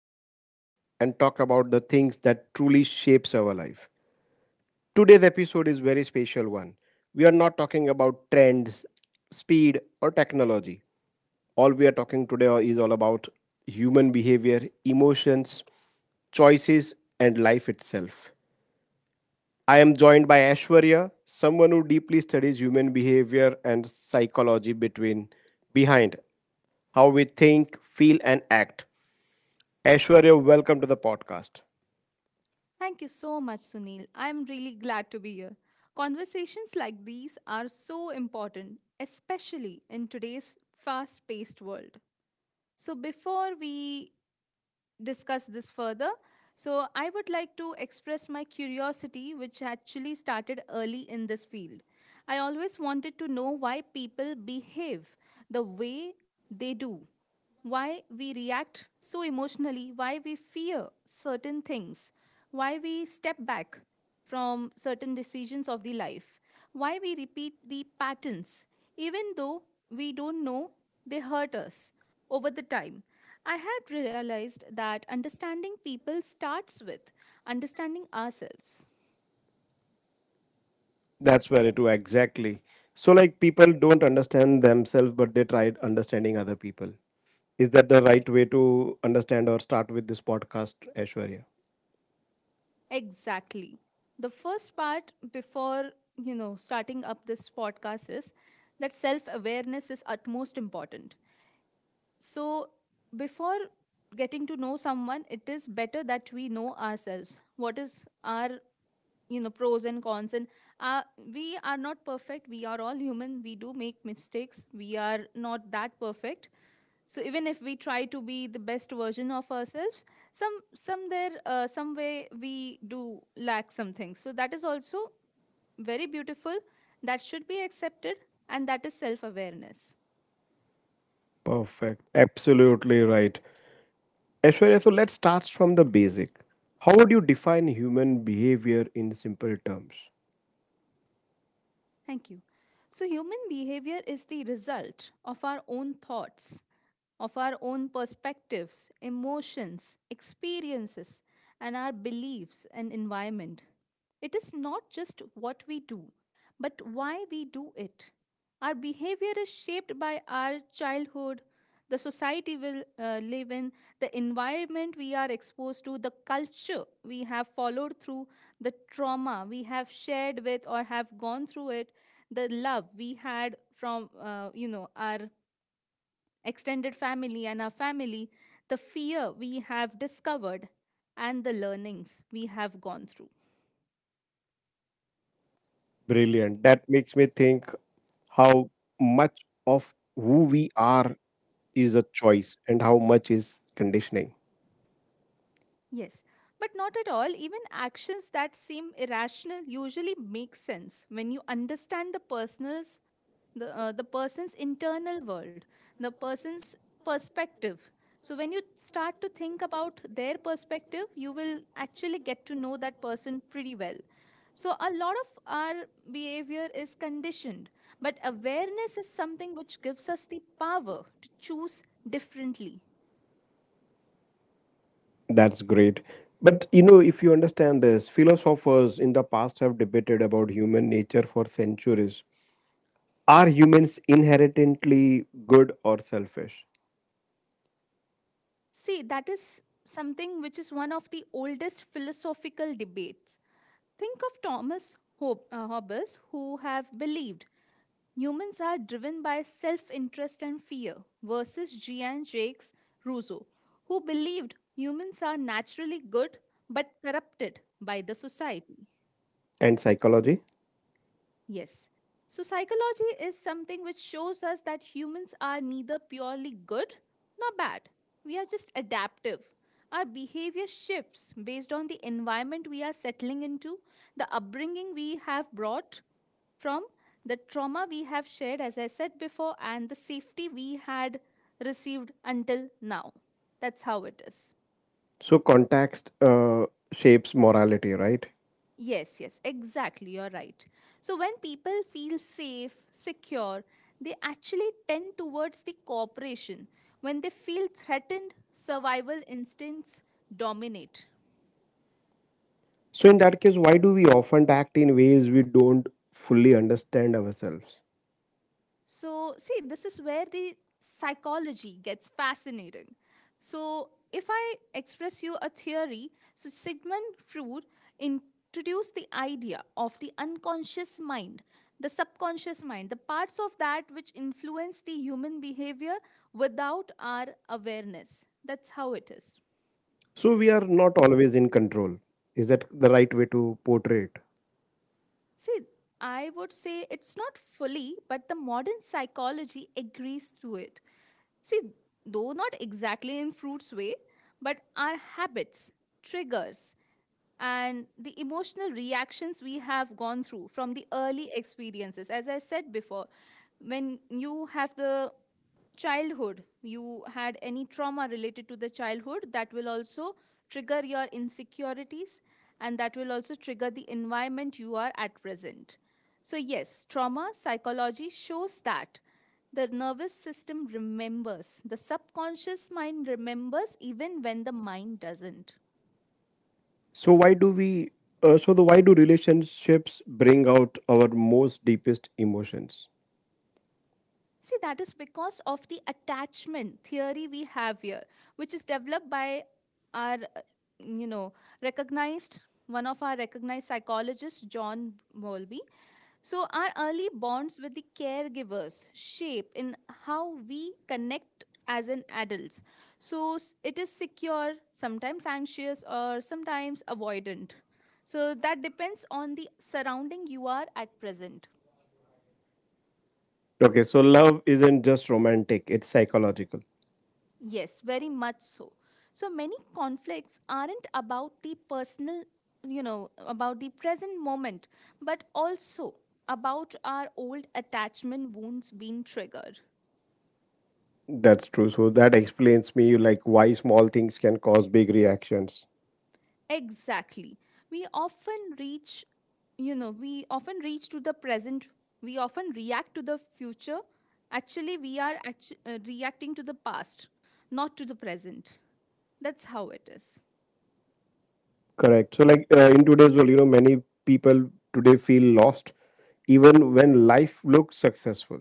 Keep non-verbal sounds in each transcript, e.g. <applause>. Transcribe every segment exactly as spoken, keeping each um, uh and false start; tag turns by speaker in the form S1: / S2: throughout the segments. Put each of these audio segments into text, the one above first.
S1: reflect and talk about the things that truly shapes our life. Today's episode is very special one. We are not talking about trends, speed or technology. All we are talking today is all about human behavior, emotions, choices and life itself. I am joined by Ashwarya, someone who deeply studies human behavior and psychology between behind how we think, feel and act. Ashwarya, welcome to the podcast.
S2: Thank you so much, Sunil. I'm really glad to be here. Conversations like these are so important, especially in today's fast paced world. So, before we discuss this further. So, I would like to express my curiosity, which actually started early in this field. I always wanted to know why people behave the way they do, why we react so emotionally, why we fear certain things, why we step back from certain decisions of the life, why we repeat the patterns, even though we don't know they hurt us over the time, I had realized that understanding people starts with understanding ourselves.
S1: That's very true, exactly. So, like, people don't understand themselves, but they tried understanding other people. Is that the right way to understand or start with this podcast, Aishwarya?
S2: Exactly. The first part before, you know, starting up this podcast is that self-awareness is utmost important. So, before getting to know someone, it is better that we know ourselves. What is our, you know, pros and cons and uh, we are not perfect. We are all human. We do make mistakes. We are not that perfect, so even if we try to be the best version of ourselves, some some there uh, some way we do lack some things, so that is also very beautiful. That should be accepted, and that is self awareness.
S1: Perfect. Absolutely right. Aishwarya, so let's start from the basic. How would you define human behavior in simple terms?
S2: Thank you. So human behavior is the result of our own thoughts, of our own perspectives, emotions, experiences, and our beliefs and environment. It is not just what we do, but why we do it. Our behavior is shaped by our childhood, the society we uh, live in, the environment we are exposed to, the culture we have followed through, the trauma we have shared with or have gone through it, the love we had from uh, you know our extended family and our family, the fear we have discovered, and the learnings we have gone through.
S1: Brilliant. That makes me think how much of who we are is a choice and how much is conditioning.
S2: Yes, but not at all. Even actions that seem irrational usually make sense when you understand the person's the uh, the person's internal world, the person's perspective. So when you start to think about their perspective, you will actually get to know that person pretty well. So a lot of our behavior is conditioned, but awareness is something which gives us the power to choose differently.
S1: That's great. But you know, if you understand this, philosophers in the past have debated about human nature for centuries. Are humans inherently good or selfish?
S2: See, that is something which is one of the oldest philosophical debates. Think of Thomas Hob- uh, Hobbes, who have believed humans are driven by self interest and fear, versus Jean Jacques Rousseau, who believed humans are naturally good but corrupted by the society.
S1: And psychology?
S2: Yes. So, psychology is something which shows us that humans are neither purely good nor bad. We are just adaptive. Our behavior shifts based on the environment we are settling into, the upbringing we have brought from, the trauma we have shared, as I said before, and the safety we had received until now. That's how it is.
S1: So, context uh, shapes morality, right?
S2: Yes, yes, exactly. You're right. So when people feel safe, secure, they actually tend towards the cooperation. When they feel threatened, survival instincts dominate.
S1: So, in that case, why do we often act in ways we don't fully understand ourselves?
S2: So, see, this is where the psychology gets fascinating. So, if I express you a theory, so Sigmund Freud introduced the idea of the unconscious mind, the subconscious mind, the parts of that which influence the human behavior without our awareness. That's how it is.
S1: So, we are not always in control. Is that the right way to portray it?
S2: See, I would say it's not fully, but the modern psychology agrees through it. See, though not exactly in fruit's way, but our habits, triggers, and the emotional reactions we have gone through from the early experiences. As I said before, when you have the childhood, you had any trauma related to the childhood, that will also trigger your insecurities, and that will also trigger the environment you are at present. So yes, trauma psychology shows that the nervous system remembers, the subconscious mind remembers, even when the mind doesn't.
S1: So why do we? Uh, so the why do relationships bring out our most deepest emotions?
S2: See, that is because of the attachment theory we have here, which is developed by our, uh, you know, recognized, one of our recognized psychologists, John Bowlby. So, our early bonds with the caregivers shape in how we connect as an adults. So, s- it is secure, sometimes anxious, or sometimes avoidant. So, that depends on the surrounding you are at present.
S1: Okay, so love isn't just romantic; it's psychological.
S2: Yes, very much so. So many conflicts aren't about the personal, you know, about the present moment, but also about our old attachment wounds being triggered.
S1: That's true. So that explains me like why small things can cause big reactions.
S2: Exactly. We often reach, you know, we often reach to the present, we often react to the future. Actually, we are actu- uh, reacting to the past, not to the present. That's how it is.
S1: Correct. So like uh, in today's world, you know, many people today feel lost, even when life looks successful.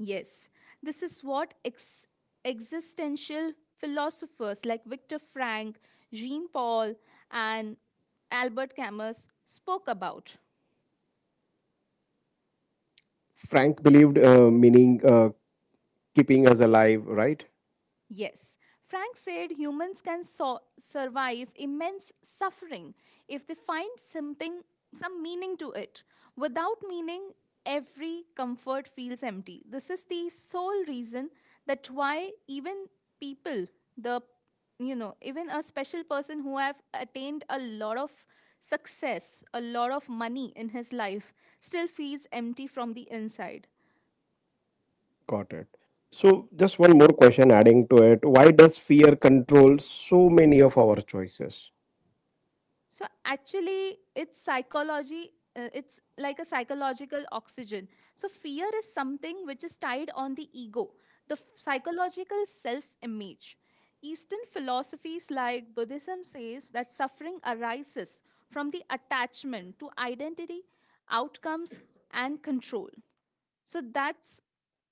S2: Yes, this is what ex- existential philosophers like Viktor Frank, Jean Paul, and Albert Camus spoke about.
S1: Frank believed uh, meaning uh, keeping us alive, right?
S2: Yes, Frank said humans can so- survive immense suffering if they find something, some meaning to it. Without meaning, every comfort feels empty. This is the sole reason that why even people, the you know, even a special person who have attained a lot of success, a lot of money in his life, still feels empty from the inside.
S1: Got it. So, just one more question adding to it. Why does fear control so many of our choices?
S2: So actually, it's psychology. Uh, it's like a psychological oxygen. So fear is something which is tied on the ego, the f- psychological self-image. Eastern philosophies like Buddhism says that suffering arises from the attachment to identity, outcomes, and control. So that's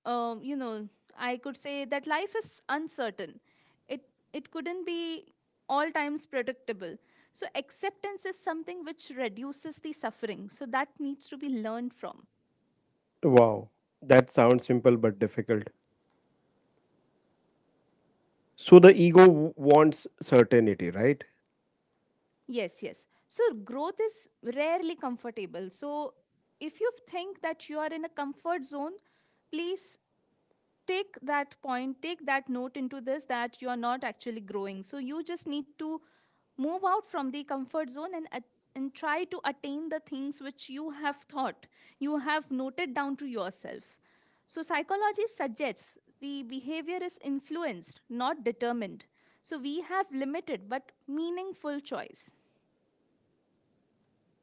S2: um, you know, I could say that life is uncertain. It it couldn't be all times predictable. So acceptance is something which reduces the suffering. So that needs to be learned from.
S1: Wow, that sounds simple but difficult. So, the ego w- wants certainty, right?
S2: Yes, yes. So growth is rarely comfortable. So if you think that you are in a comfort zone, please take that point, take that note into this, that you are not actually growing. So you just need to move out from the comfort zone, and at- and try to attain the things which you have thought, you have noted down to yourself. So psychology suggests the behavior is influenced, not determined. So we have limited but meaningful choice.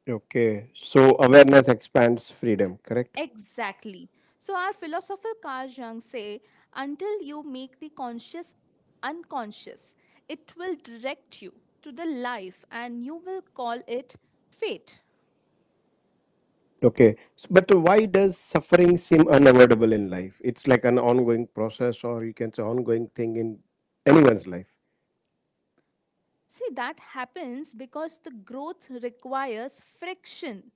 S1: Okay, so awareness expands freedom, correct?
S2: Exactly. So our philosopher Carl Jung say, until you make the conscious unconscious, it will direct you to the life, and you will call it fate.
S1: Okay, S- but why does suffering seem unavoidable in life? It's like an ongoing process, or you can say ongoing thing in anyone's life.
S2: See, that happens because the growth requires friction.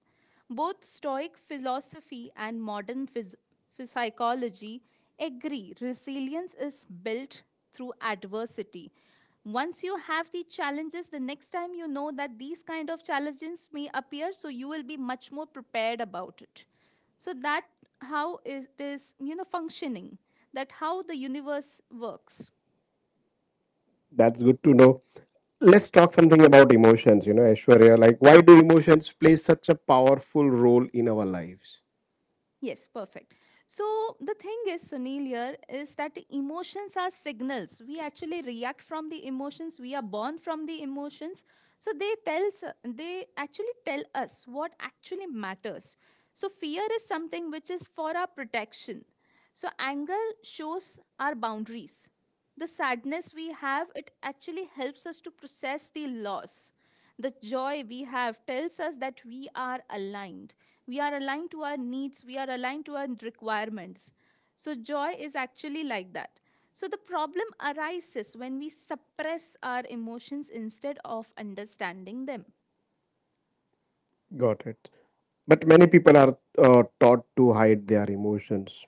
S2: Both Stoic philosophy and modern phys- psychology agree resilience is built through adversity. Once you have the challenges, the next time you know that these kind of challenges may appear, so you will be much more prepared about it. So that how it is, you know, functioning. That how the universe works.
S1: That's good to know. Let's talk something about emotions, you know, Aishwarya. Like, why do emotions play such a powerful role in our lives?
S2: Yes, perfect. So the thing is, Sunil, here is that emotions are signals. We actually react from the emotions. We are born from the emotions. So they tells they actually tell us what actually matters. So fear is something which is for our protection. So anger shows our boundaries. The sadness we have, it actually helps us to process the loss. The joy we have tells us that we are aligned we are aligned to our needs, we are aligned to our requirements. So, joy is actually like that. So, the problem arises when we suppress our emotions instead of understanding them.
S1: Got it. But many people are uh, taught to hide their emotions.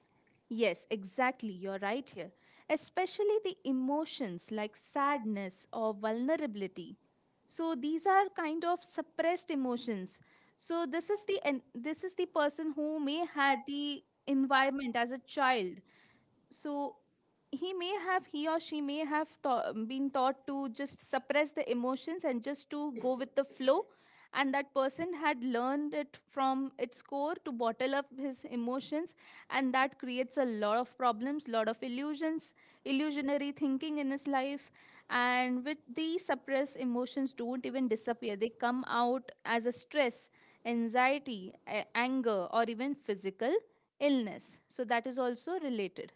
S2: Yes, exactly, you're right here. Especially the emotions like sadness or vulnerability. So, these are kind of suppressed emotions. So, this is the and this is the person who may had the environment as a child, so he may have he or she may have taught, been taught to just suppress the emotions and just to go with the flow, and that person had learned it from its core to bottle up his emotions, and that creates a lot of problems, lot of illusions illusionary thinking in his life. And with these, suppressed emotions don't even disappear. They come out as a stress, anxiety, a- anger, or even physical illness, so that is also related.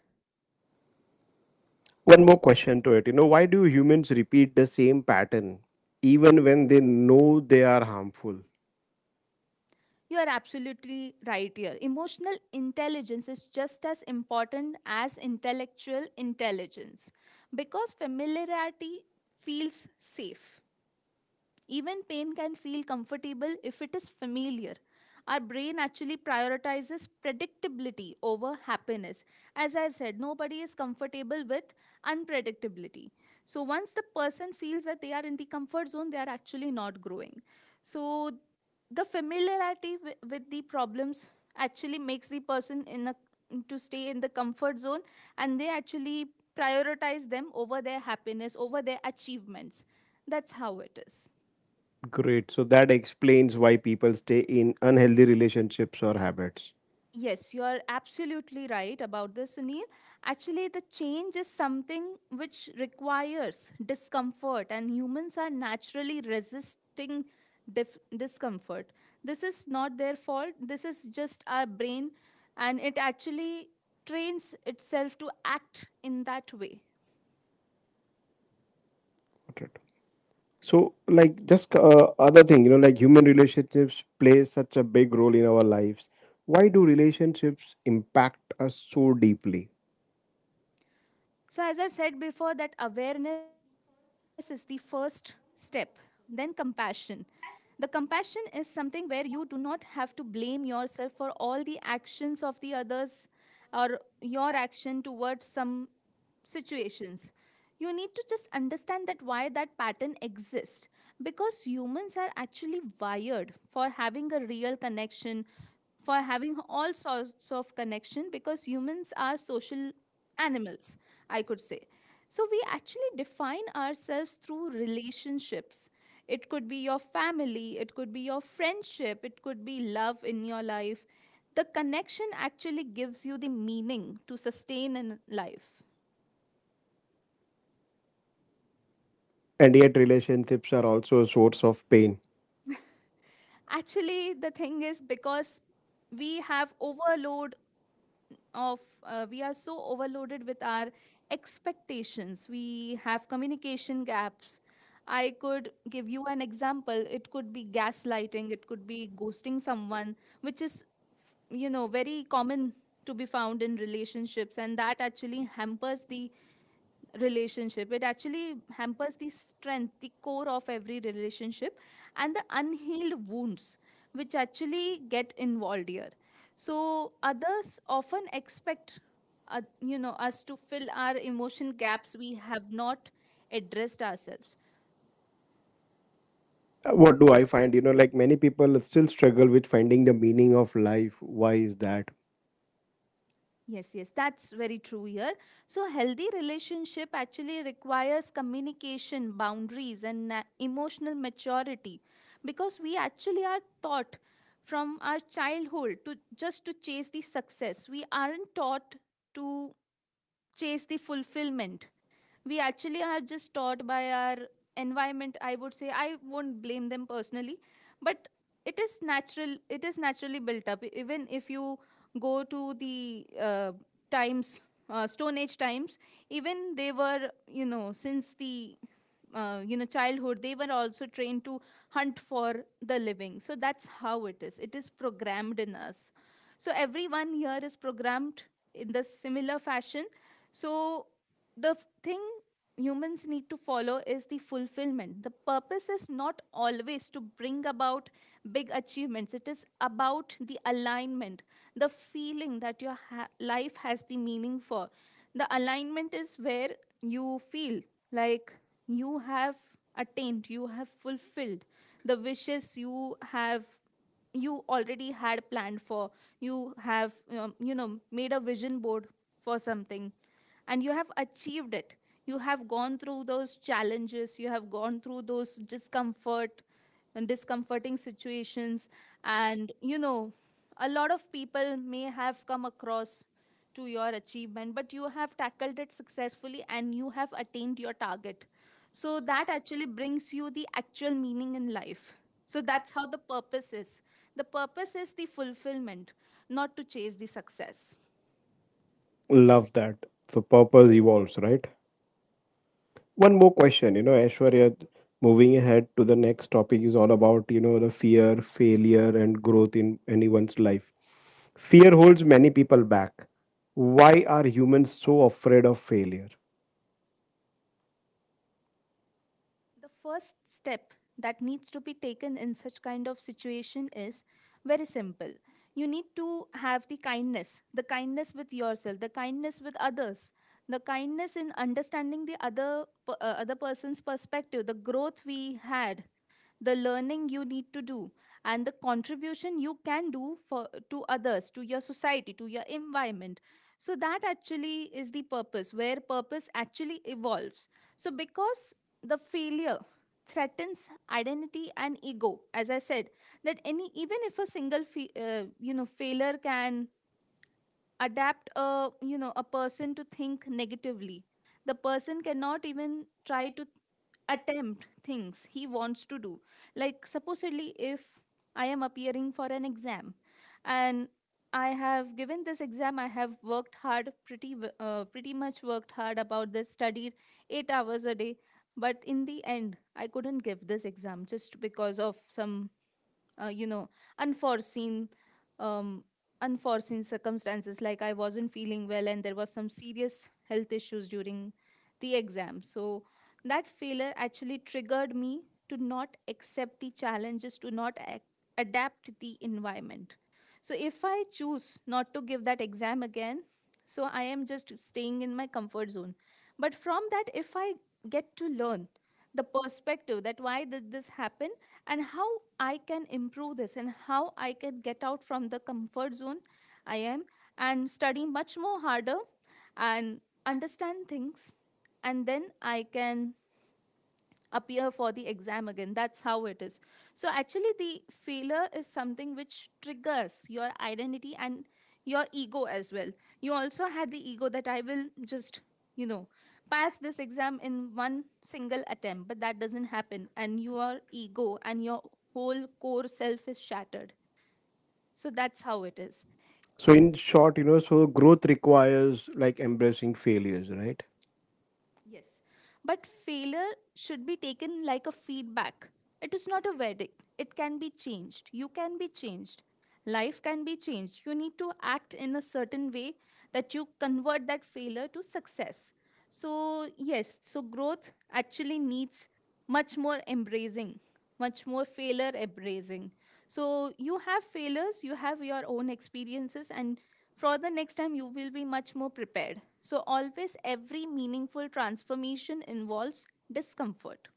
S1: One more question to it. You know, why do humans repeat the same pattern even when they know they are harmful?
S2: You are absolutely right here. Emotional intelligence is just as important as intellectual intelligence, because familiarity feels safe. Even pain can feel comfortable if it is familiar. Our brain actually prioritizes predictability over happiness. As I said, nobody is comfortable with unpredictability. So once the person feels that they are in the comfort zone, they are actually not growing. So the familiarity wi- with the problems actually makes the person in a to stay in the comfort zone, and they actually prioritize them over their happiness, over their achievements. That's how it is.
S1: Great. So that explains why people stay in unhealthy relationships or habits.
S2: Yes, you are absolutely right about this, Sunil. Actually, the change is something which requires discomfort, and humans are naturally resisting dif- discomfort. This is not their fault, this is just our brain, and it actually trains itself to act in that way.
S1: Got it. So, like, just uh, other thing, you know, like human relationships play such a big role in our lives. Why do relationships impact us so deeply?
S2: So, as I said before, that awareness is the first step, then compassion. The compassion is something where you do not have to blame yourself for all the actions of the others, or your action towards some situations. You need to just understand that why that pattern exists, because humans are actually wired for having a real connection, for having all sorts of connection, because humans are social animals, I could say. So we actually define ourselves through relationships. It could be your family, it could be your friendship, it could be love in your life. The connection actually gives you the meaning to sustain in life.
S1: And yet, relationships are also a source of pain.
S2: Actually, the thing is because we have overload of, uh, we are so overloaded with our expectations. We have communication gaps. I could give you an example. It could be gaslighting, it could be ghosting someone which is you know very common to be found in relationships, and that actually hampers the relationship, it actually hampers the strength, the core of every relationship, and the unhealed wounds which actually get involved here. So others often expect uh, you know us to fill our emotion gaps we have not addressed ourselves.
S1: Uh, What do I find? You know, like many people still struggle with finding the meaning of life. Why is that?
S2: Yes, yes, that's very true here. So, healthy relationship actually requires communication, boundaries, and na- emotional maturity, because we actually are taught from our childhood to just to chase the success. We aren't taught to chase the fulfillment. We actually are just taught by our environment, I would say. I won't blame them personally, but it is natural, it is naturally built up. E-, even if you go to the uh, times, uh, stone age times, even they were, you know, since the uh, you know childhood they were also trained to hunt for the living. So that's how it is, it is programmed in us. So everyone here is programmed in the similar fashion. So the f- thing humans need to follow is the fulfillment. The purpose is not always to bring about big achievements, it is about the alignment, the feeling that your ha- life has the meaning for. The alignment is where you feel like you have attained, you have fulfilled the wishes you have you already had planned for. You have um, you know made a vision board for something and you have achieved it. You have gone through those challenges, you have gone through those discomfort and discomforting situations. And you know, a lot of people may have come across to your achievement, but you have tackled it successfully and you have attained your target. So that actually brings you the actual meaning in life. So that's how the purpose is. The purpose is the fulfillment, not to chase the success.
S1: Love that. So, purpose evolves, right? One more question, you know, Aishwarya, moving ahead to the next topic is all about, you know, the fear, failure, and growth in anyone's life. Fear holds many people back. Why are humans so afraid of failure?
S2: The first step that needs to be taken in such kind of situation is very simple. You need to have the kindness, the kindness with yourself, the kindness with others, the kindness in understanding the other p- uh, other person's perspective, the growth we had, the learning you need to do, and the contribution you can do for to others, to your society, to your environment. So that actually is the purpose where purpose actually evolves. So because the failure threatens identity and ego, as I said, that any, even if a single fe- uh, you know failure can adapt a, you know, a person to think negatively, the person cannot even try to attempt things he wants to do. Like, supposedly, if I am appearing for an exam and I have given this exam, I have worked hard, pretty, w- uh, pretty much worked hard about this, studied eight hours a day. But in the end, I couldn't give this exam just because of some uh, you know unforeseen um, unforeseen circumstances, like I wasn't feeling well and there was some serious health issues during the exam. So that failure actually triggered me to not accept the challenges, to not ac- adapt the environment. So if I choose not to give that exam again, so I am just staying in my comfort zone. But from that, if I get to learn the perspective, that why did this happen and how I can improve this and how I can get out from the comfort zone, I am, and study much more harder, and understand things, and then I can appear for the exam again. That's how it is. So, actually, the failure is something which triggers your identity and your ego as well. You also had the ego that I will just, you know, pass this exam in one single attempt, but that doesn't happen. And your ego and your whole core self is shattered. So, that's how it is.
S1: So, in short, you know, so growth requires like embracing failures, right?
S2: Yes, but failure should be taken like a feedback. It is not a verdict. It can be changed. You can be changed. Life can be changed. You need to act in a certain way that you convert that failure to success. So, yes, so growth actually needs much more embracing, much more failure embracing. So, you have failures, you have your own experiences, and for the next time, you will be much more prepared. So, always every meaningful transformation involves discomfort.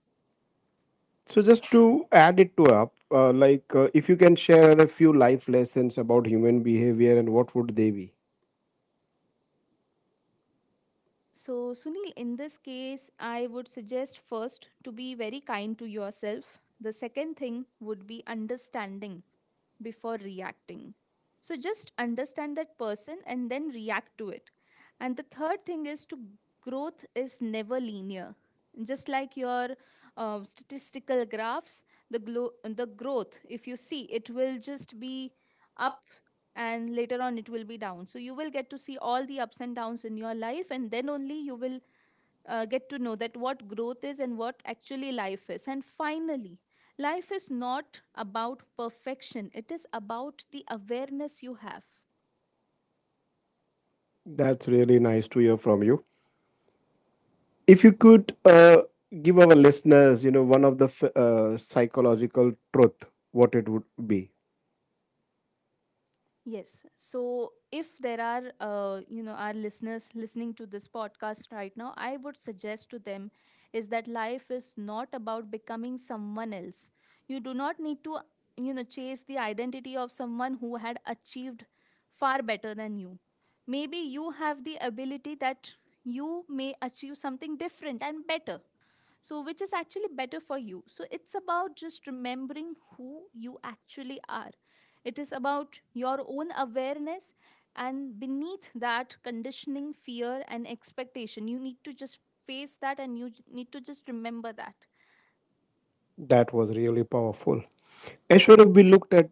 S1: So, just to add it to up, uh, like uh, if you can share a few life lessons about human behavior and what would they be?
S2: So, Sunil, in this case, I would suggest first to be very kind to yourself. The second thing would be understanding before reacting. So just understand that person and then react to it. And the third thing is to growth is never linear. Just like your um, statistical graphs, the glo- the growth, if you see, it will just be up and later on it will be down. So you will get to see all the ups and downs in your life, and then only you will uh, get to know that what growth is and what actually life is. And finally, life is not about perfection, it is about the awareness you have.
S1: That's really nice to hear from you. If you could uh, give our listeners, you know, one of the f- uh, psychological truth, what it would be?
S2: Yes. So if there are, uh, you know, our listeners listening to this podcast right now, I would suggest to them is that life is not about becoming someone else. You do not need to you know, chase the identity of someone who had achieved far better than you. Maybe you have the ability that you may achieve something different and better, so which is actually better for you. So it's about just remembering who you actually are, it is about your own awareness. And beneath that conditioning, fear and expectation, you need to just face that and you j- need to just remember that.
S1: That was really powerful. Ashwara, we looked at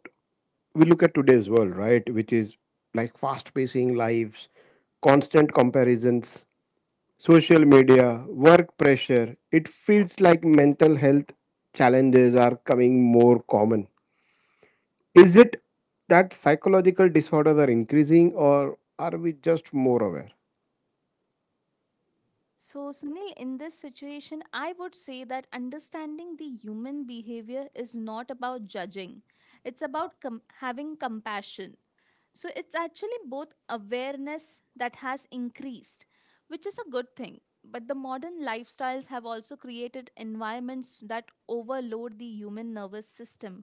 S1: we look at today's world, right, which is like fast pacing lives, constant comparisons, social media, work pressure. It feels like mental health challenges are coming more common. Is it that psychological disorders are increasing or are we just more aware?
S2: So, Sunil, in this situation, I would say that understanding the human behavior is not about judging, it's about com- having compassion. So it's actually both awareness that has increased, which is a good thing. But the modern lifestyles have also created environments that overload the human nervous system,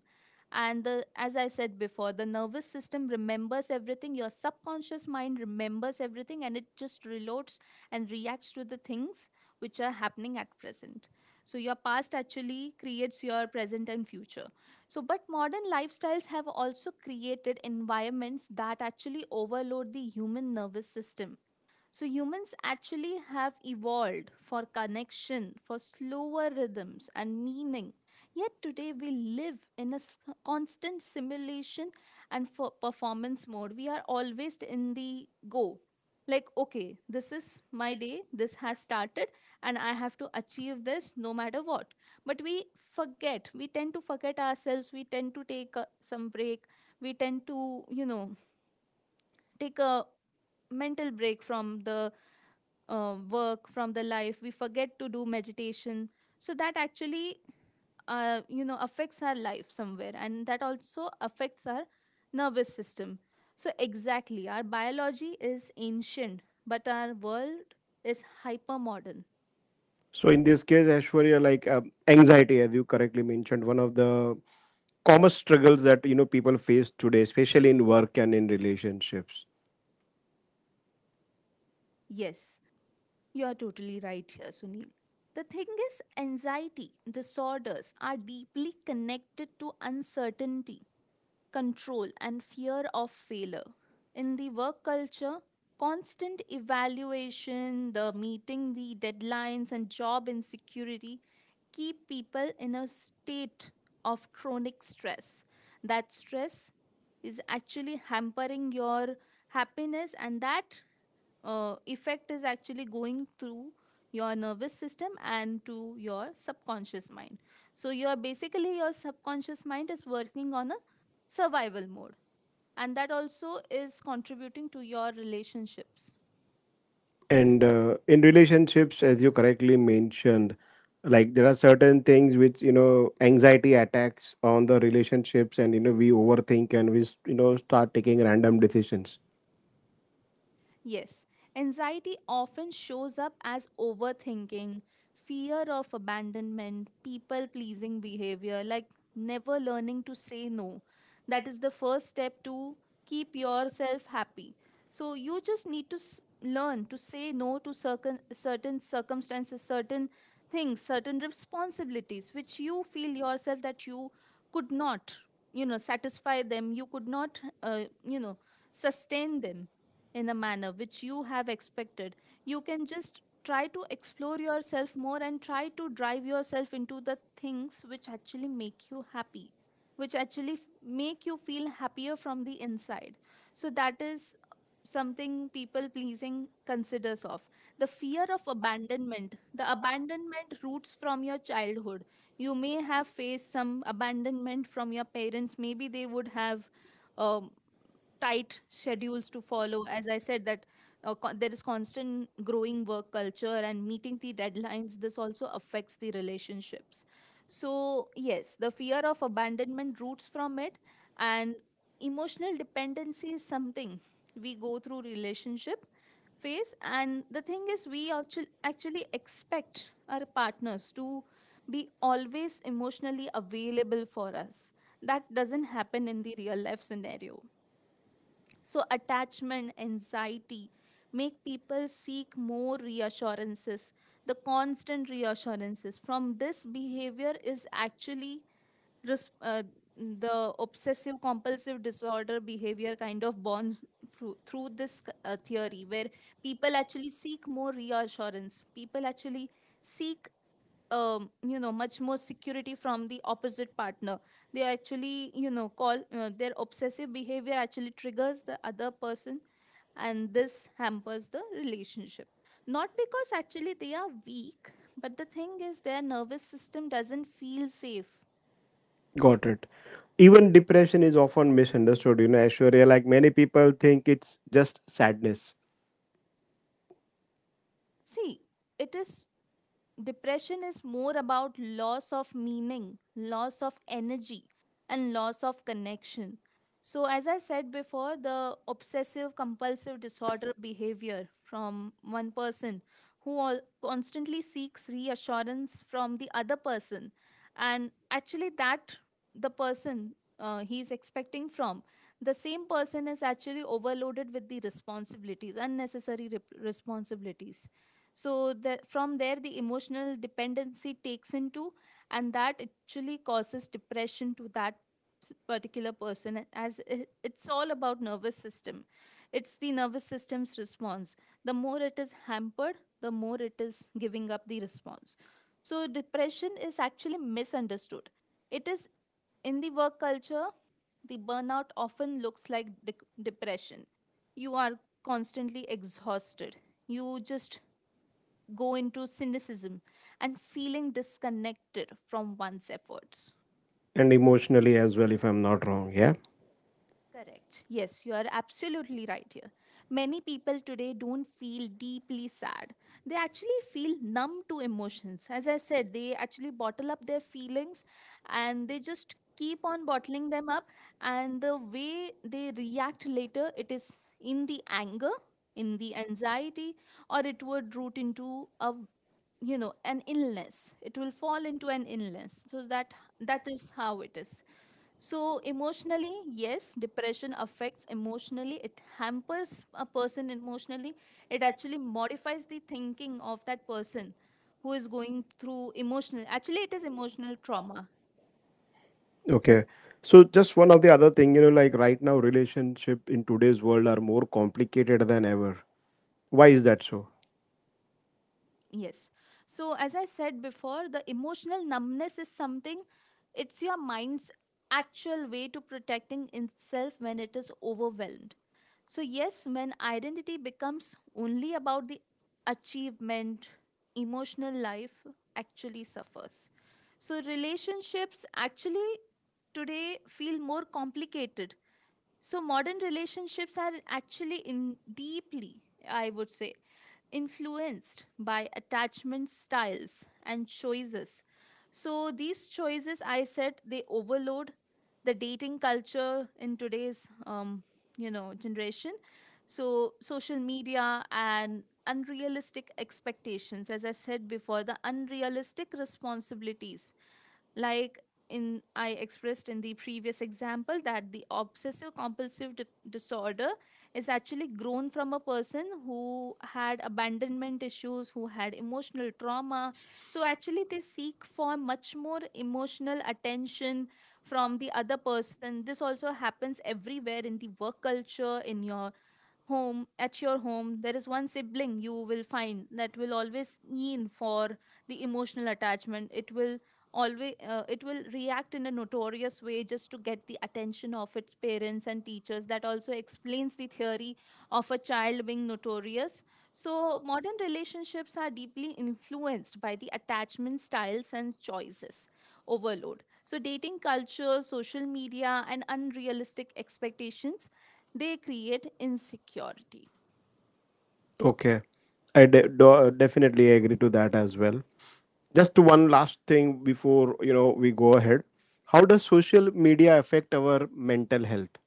S2: and the as I said before, the nervous system remembers everything, your subconscious mind remembers everything, and it just reloads and reacts to the things which are happening at present. So your past actually creates your present and future. So, but modern lifestyles have also created environments that actually overload the human nervous system. So humans actually have evolved for connection, for slower rhythms and meaning. Yet today we live in a s- constant simulation and for performance mode. We are always in the go. Like, okay, this is my day, this has started, and I have to achieve this no matter what. But we forget, we tend to forget ourselves, we tend to take uh, some break, we tend to you know, take a mental break from the uh, work, from the life. We forget to do meditation. So that actually uh, you know affects our life somewhere, and that also affects our nervous system. So exactly our biology is ancient, but our world is hyper modern.
S1: So in this case, Ashwarya, like uh, anxiety, as you correctly mentioned, one of the common struggles that you know people face today, especially in work and in relationships.
S2: Yes, you are totally right here, Sunil. The thing is anxiety disorders are deeply connected to uncertainty, control and fear of failure. In the work culture, constant evaluation, the meeting the deadlines, and job insecurity keep people in a state of chronic stress. That stress is actually hampering your happiness, and that uh, effect is actually going through your nervous system and to your subconscious mind. So your basically your subconscious mind is working on a survival mode, and that also is contributing to your relationships.
S1: And uh, in relationships, as you correctly mentioned, like there are certain things which you know anxiety attacks on the relationships, and you know we overthink and we, you know, start taking random decisions.
S2: Yes, anxiety often shows up as overthinking, fear of abandonment, people pleasing behavior, like never learning to say no. That is the first step to keep yourself happy. So you just need to s- learn to say no to certain certain circumstances, certain things, certain responsibilities which you feel yourself that you could not, you know, satisfy them, you could not, uh, you know, sustain them in the manner which you have expected. You can just try to explore yourself more and try to drive yourself into the things which actually make you happy, which actually f- make you feel happier from the inside. So that is something. People pleasing considers of the fear of abandonment. The abandonment roots from your childhood. You may have faced some abandonment from your parents. Maybe they would have um, tight schedules to follow. As I said that, uh, co- there is constant growing work culture and meeting the deadlines. This also affects the relationships. So yes, the fear of abandonment roots from it. And emotional dependency is something we go through. Relationship phase, and the thing is we actu- actually expect our partners to be always emotionally available for us. That doesn't happen in the real life scenario. So, attachment anxiety make people seek more reassurances, the constant reassurances. From this behavior is actually res- uh, the obsessive compulsive disorder behavior kind of bonds through, through this uh, theory where people actually seek more reassurance. People actually seek um, you know, much more security from the opposite partner. They actually, you know, call, uh, their obsessive behavior actually triggers the other person, and this hampers the relationship, not because actually they are weak, but the thing is their nervous system doesn't feel safe.
S1: Got it. Even depression is often misunderstood. You know, Ashwarya, like many people think it's just sadness
S2: See, it is, depression is more about loss of meaning, loss of energy, and loss of connection. So, as I said before, the obsessive compulsive disorder behavior from one person who al- constantly seeks reassurance from the other person, and actually, that the person, uh, he is expecting from, the same person is actually overloaded with the responsibilities, unnecessary rep- responsibilities. So the, from there the emotional dependency takes into, and that actually causes depression to that s- particular person. As i- it's all about nervous system. It's the nervous system's response. The more it is hampered, the more it is giving up the response. So depression is actually misunderstood. It is, in the work culture, the burnout often looks like de- depression. You are constantly exhausted. You just go into cynicism and feeling disconnected from one's efforts.
S1: and emotionally as well, if I'm not wrong. Yeah.
S2: Correct. Yes, you are absolutely right here. Many people today don't feel deeply sad. They actually feel numb to emotions. As I said, they actually bottle up their feelings, and they just keep on bottling them up, and the way they react later, it is in the anger, in the anxiety, or it would root into a, you know, an illness. It will fall into an illness. So that, that is how it is. So emotionally, yes, depression affects emotionally. It hampers a person emotionally. It actually modifies the thinking of that person who is going through emotional, actually it is emotional trauma.
S1: Okay. So just one of the other thing, you know, like right now relationship in today's world are more complicated than ever. Why is that so?
S2: Yes. So, as I said before, the emotional numbness is something, it's your mind's actual way to protecting itself when it is overwhelmed. So, yes, when identity becomes only about the achievement, emotional life actually suffers. So, relationships actually today feel more complicated. So, modern relationships are actually in deeply, I would say, influenced by attachment styles and choices. So, these choices, I said, they overload the dating culture in today's, um, you know, generation. So, social media and unrealistic expectations, as I said before, the unrealistic responsibilities, like in, I expressed in the previous example that the obsessive compulsive di- disorder is actually grown from a person who had abandonment issues, who had emotional trauma. So actually they seek for much more emotional attention from the other person. This also happens everywhere in the work culture, in your home, at your home there is one sibling you will find that will always yearn for the emotional attachment. It will always, uh, it will react in a notorious way just to get the attention of its parents and teachers. That also explains the theory of a child being notorious. So modern relationships are deeply influenced by the attachment styles and choices overload. So dating culture, social media, and unrealistic expectations, they create insecurity.
S1: Okay, I de- do- definitely agree to that as well. Just one last thing before, you know, we go ahead. How does social media affect our mental health?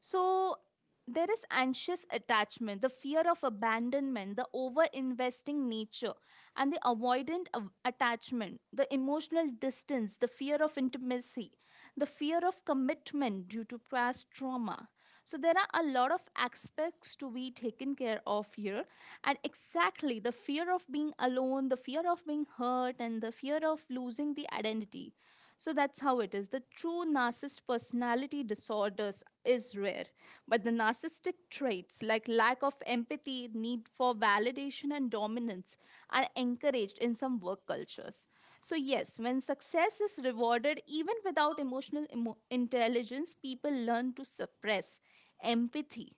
S2: So there is anxious attachment, the fear of abandonment, the over investing nature, and the avoidant av- attachment, the emotional distance, the fear of intimacy, the fear of commitment due to past trauma. So there are a lot of aspects to be taken care of here. And exactly, the fear of being alone, the fear of being hurt, and the fear of losing the identity. So that's how it is. The true narcissist personality disorders is rare, but the narcissistic traits like lack of empathy, need for validation, and dominance are encouraged in some work cultures. So, yes, when success is rewarded even without emotional emo- intelligence, people learn to suppress empathy.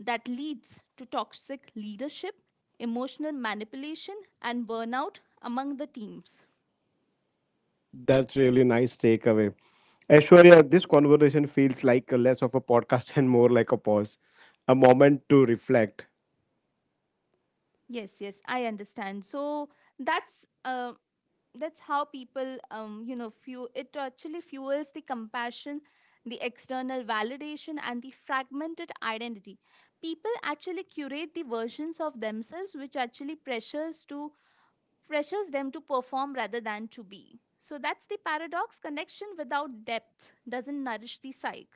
S2: That leads to toxic leadership, emotional manipulation, and burnout among the teams.
S1: That's really nice takeaway. Aishwarya, this conversation feels like a less of a podcast <laughs> and more like a pause, a moment to reflect.
S2: Yes, yes, I understand. So, that's uh, that's how people, um you know, fuel it, actually fuels the compassion, the external validation, and the fragmented identity. People actually curate the versions of themselves, which actually pressures to pressures them to perform rather than to be. So that's the paradox. Connection without depth doesn't nourish the psyche.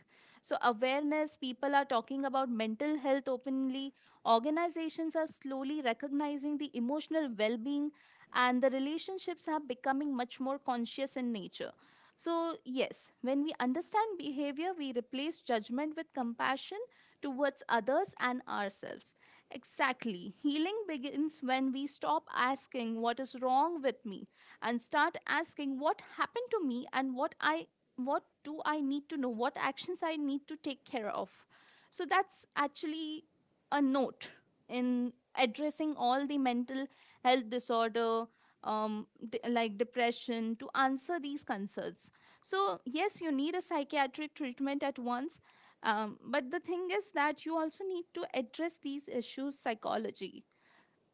S2: So, awareness, people are talking about mental health openly. Organizations are slowly recognizing the emotional well being, and the relationships are becoming much more conscious in nature. So, yes, when we understand behavior, we replace judgment with compassion towards others and ourselves. Exactly. Healing begins when we stop asking what is wrong with me, and start asking what happened to me, and what I what do I need to know, what actions I need to take care of. So that's actually a note in addressing all the mental health disorder, um d- like depression, to answer these concerns. So yes, you need a psychiatric treatment at once, um, but the thing is that you also need to address these issues psychology.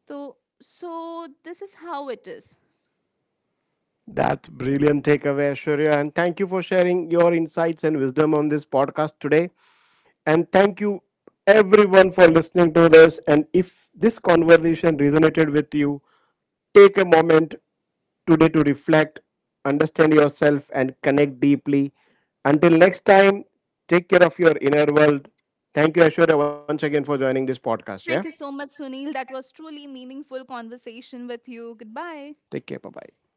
S2: So, so this is how it is.
S1: That's brilliant takeaway, Ashwarya. And thank you for sharing your insights and wisdom on this podcast today. And thank you, everyone, for listening to this. And if this conversation resonated with you, take a moment today to reflect, understand yourself, and connect deeply. Until next time, take care of your inner world. Thank you, Ashwarya, once again for joining this podcast. Yeah.
S2: Thank you so much, Sunil. That was truly meaningful conversation with you. Goodbye.
S1: Take care. Bye bye.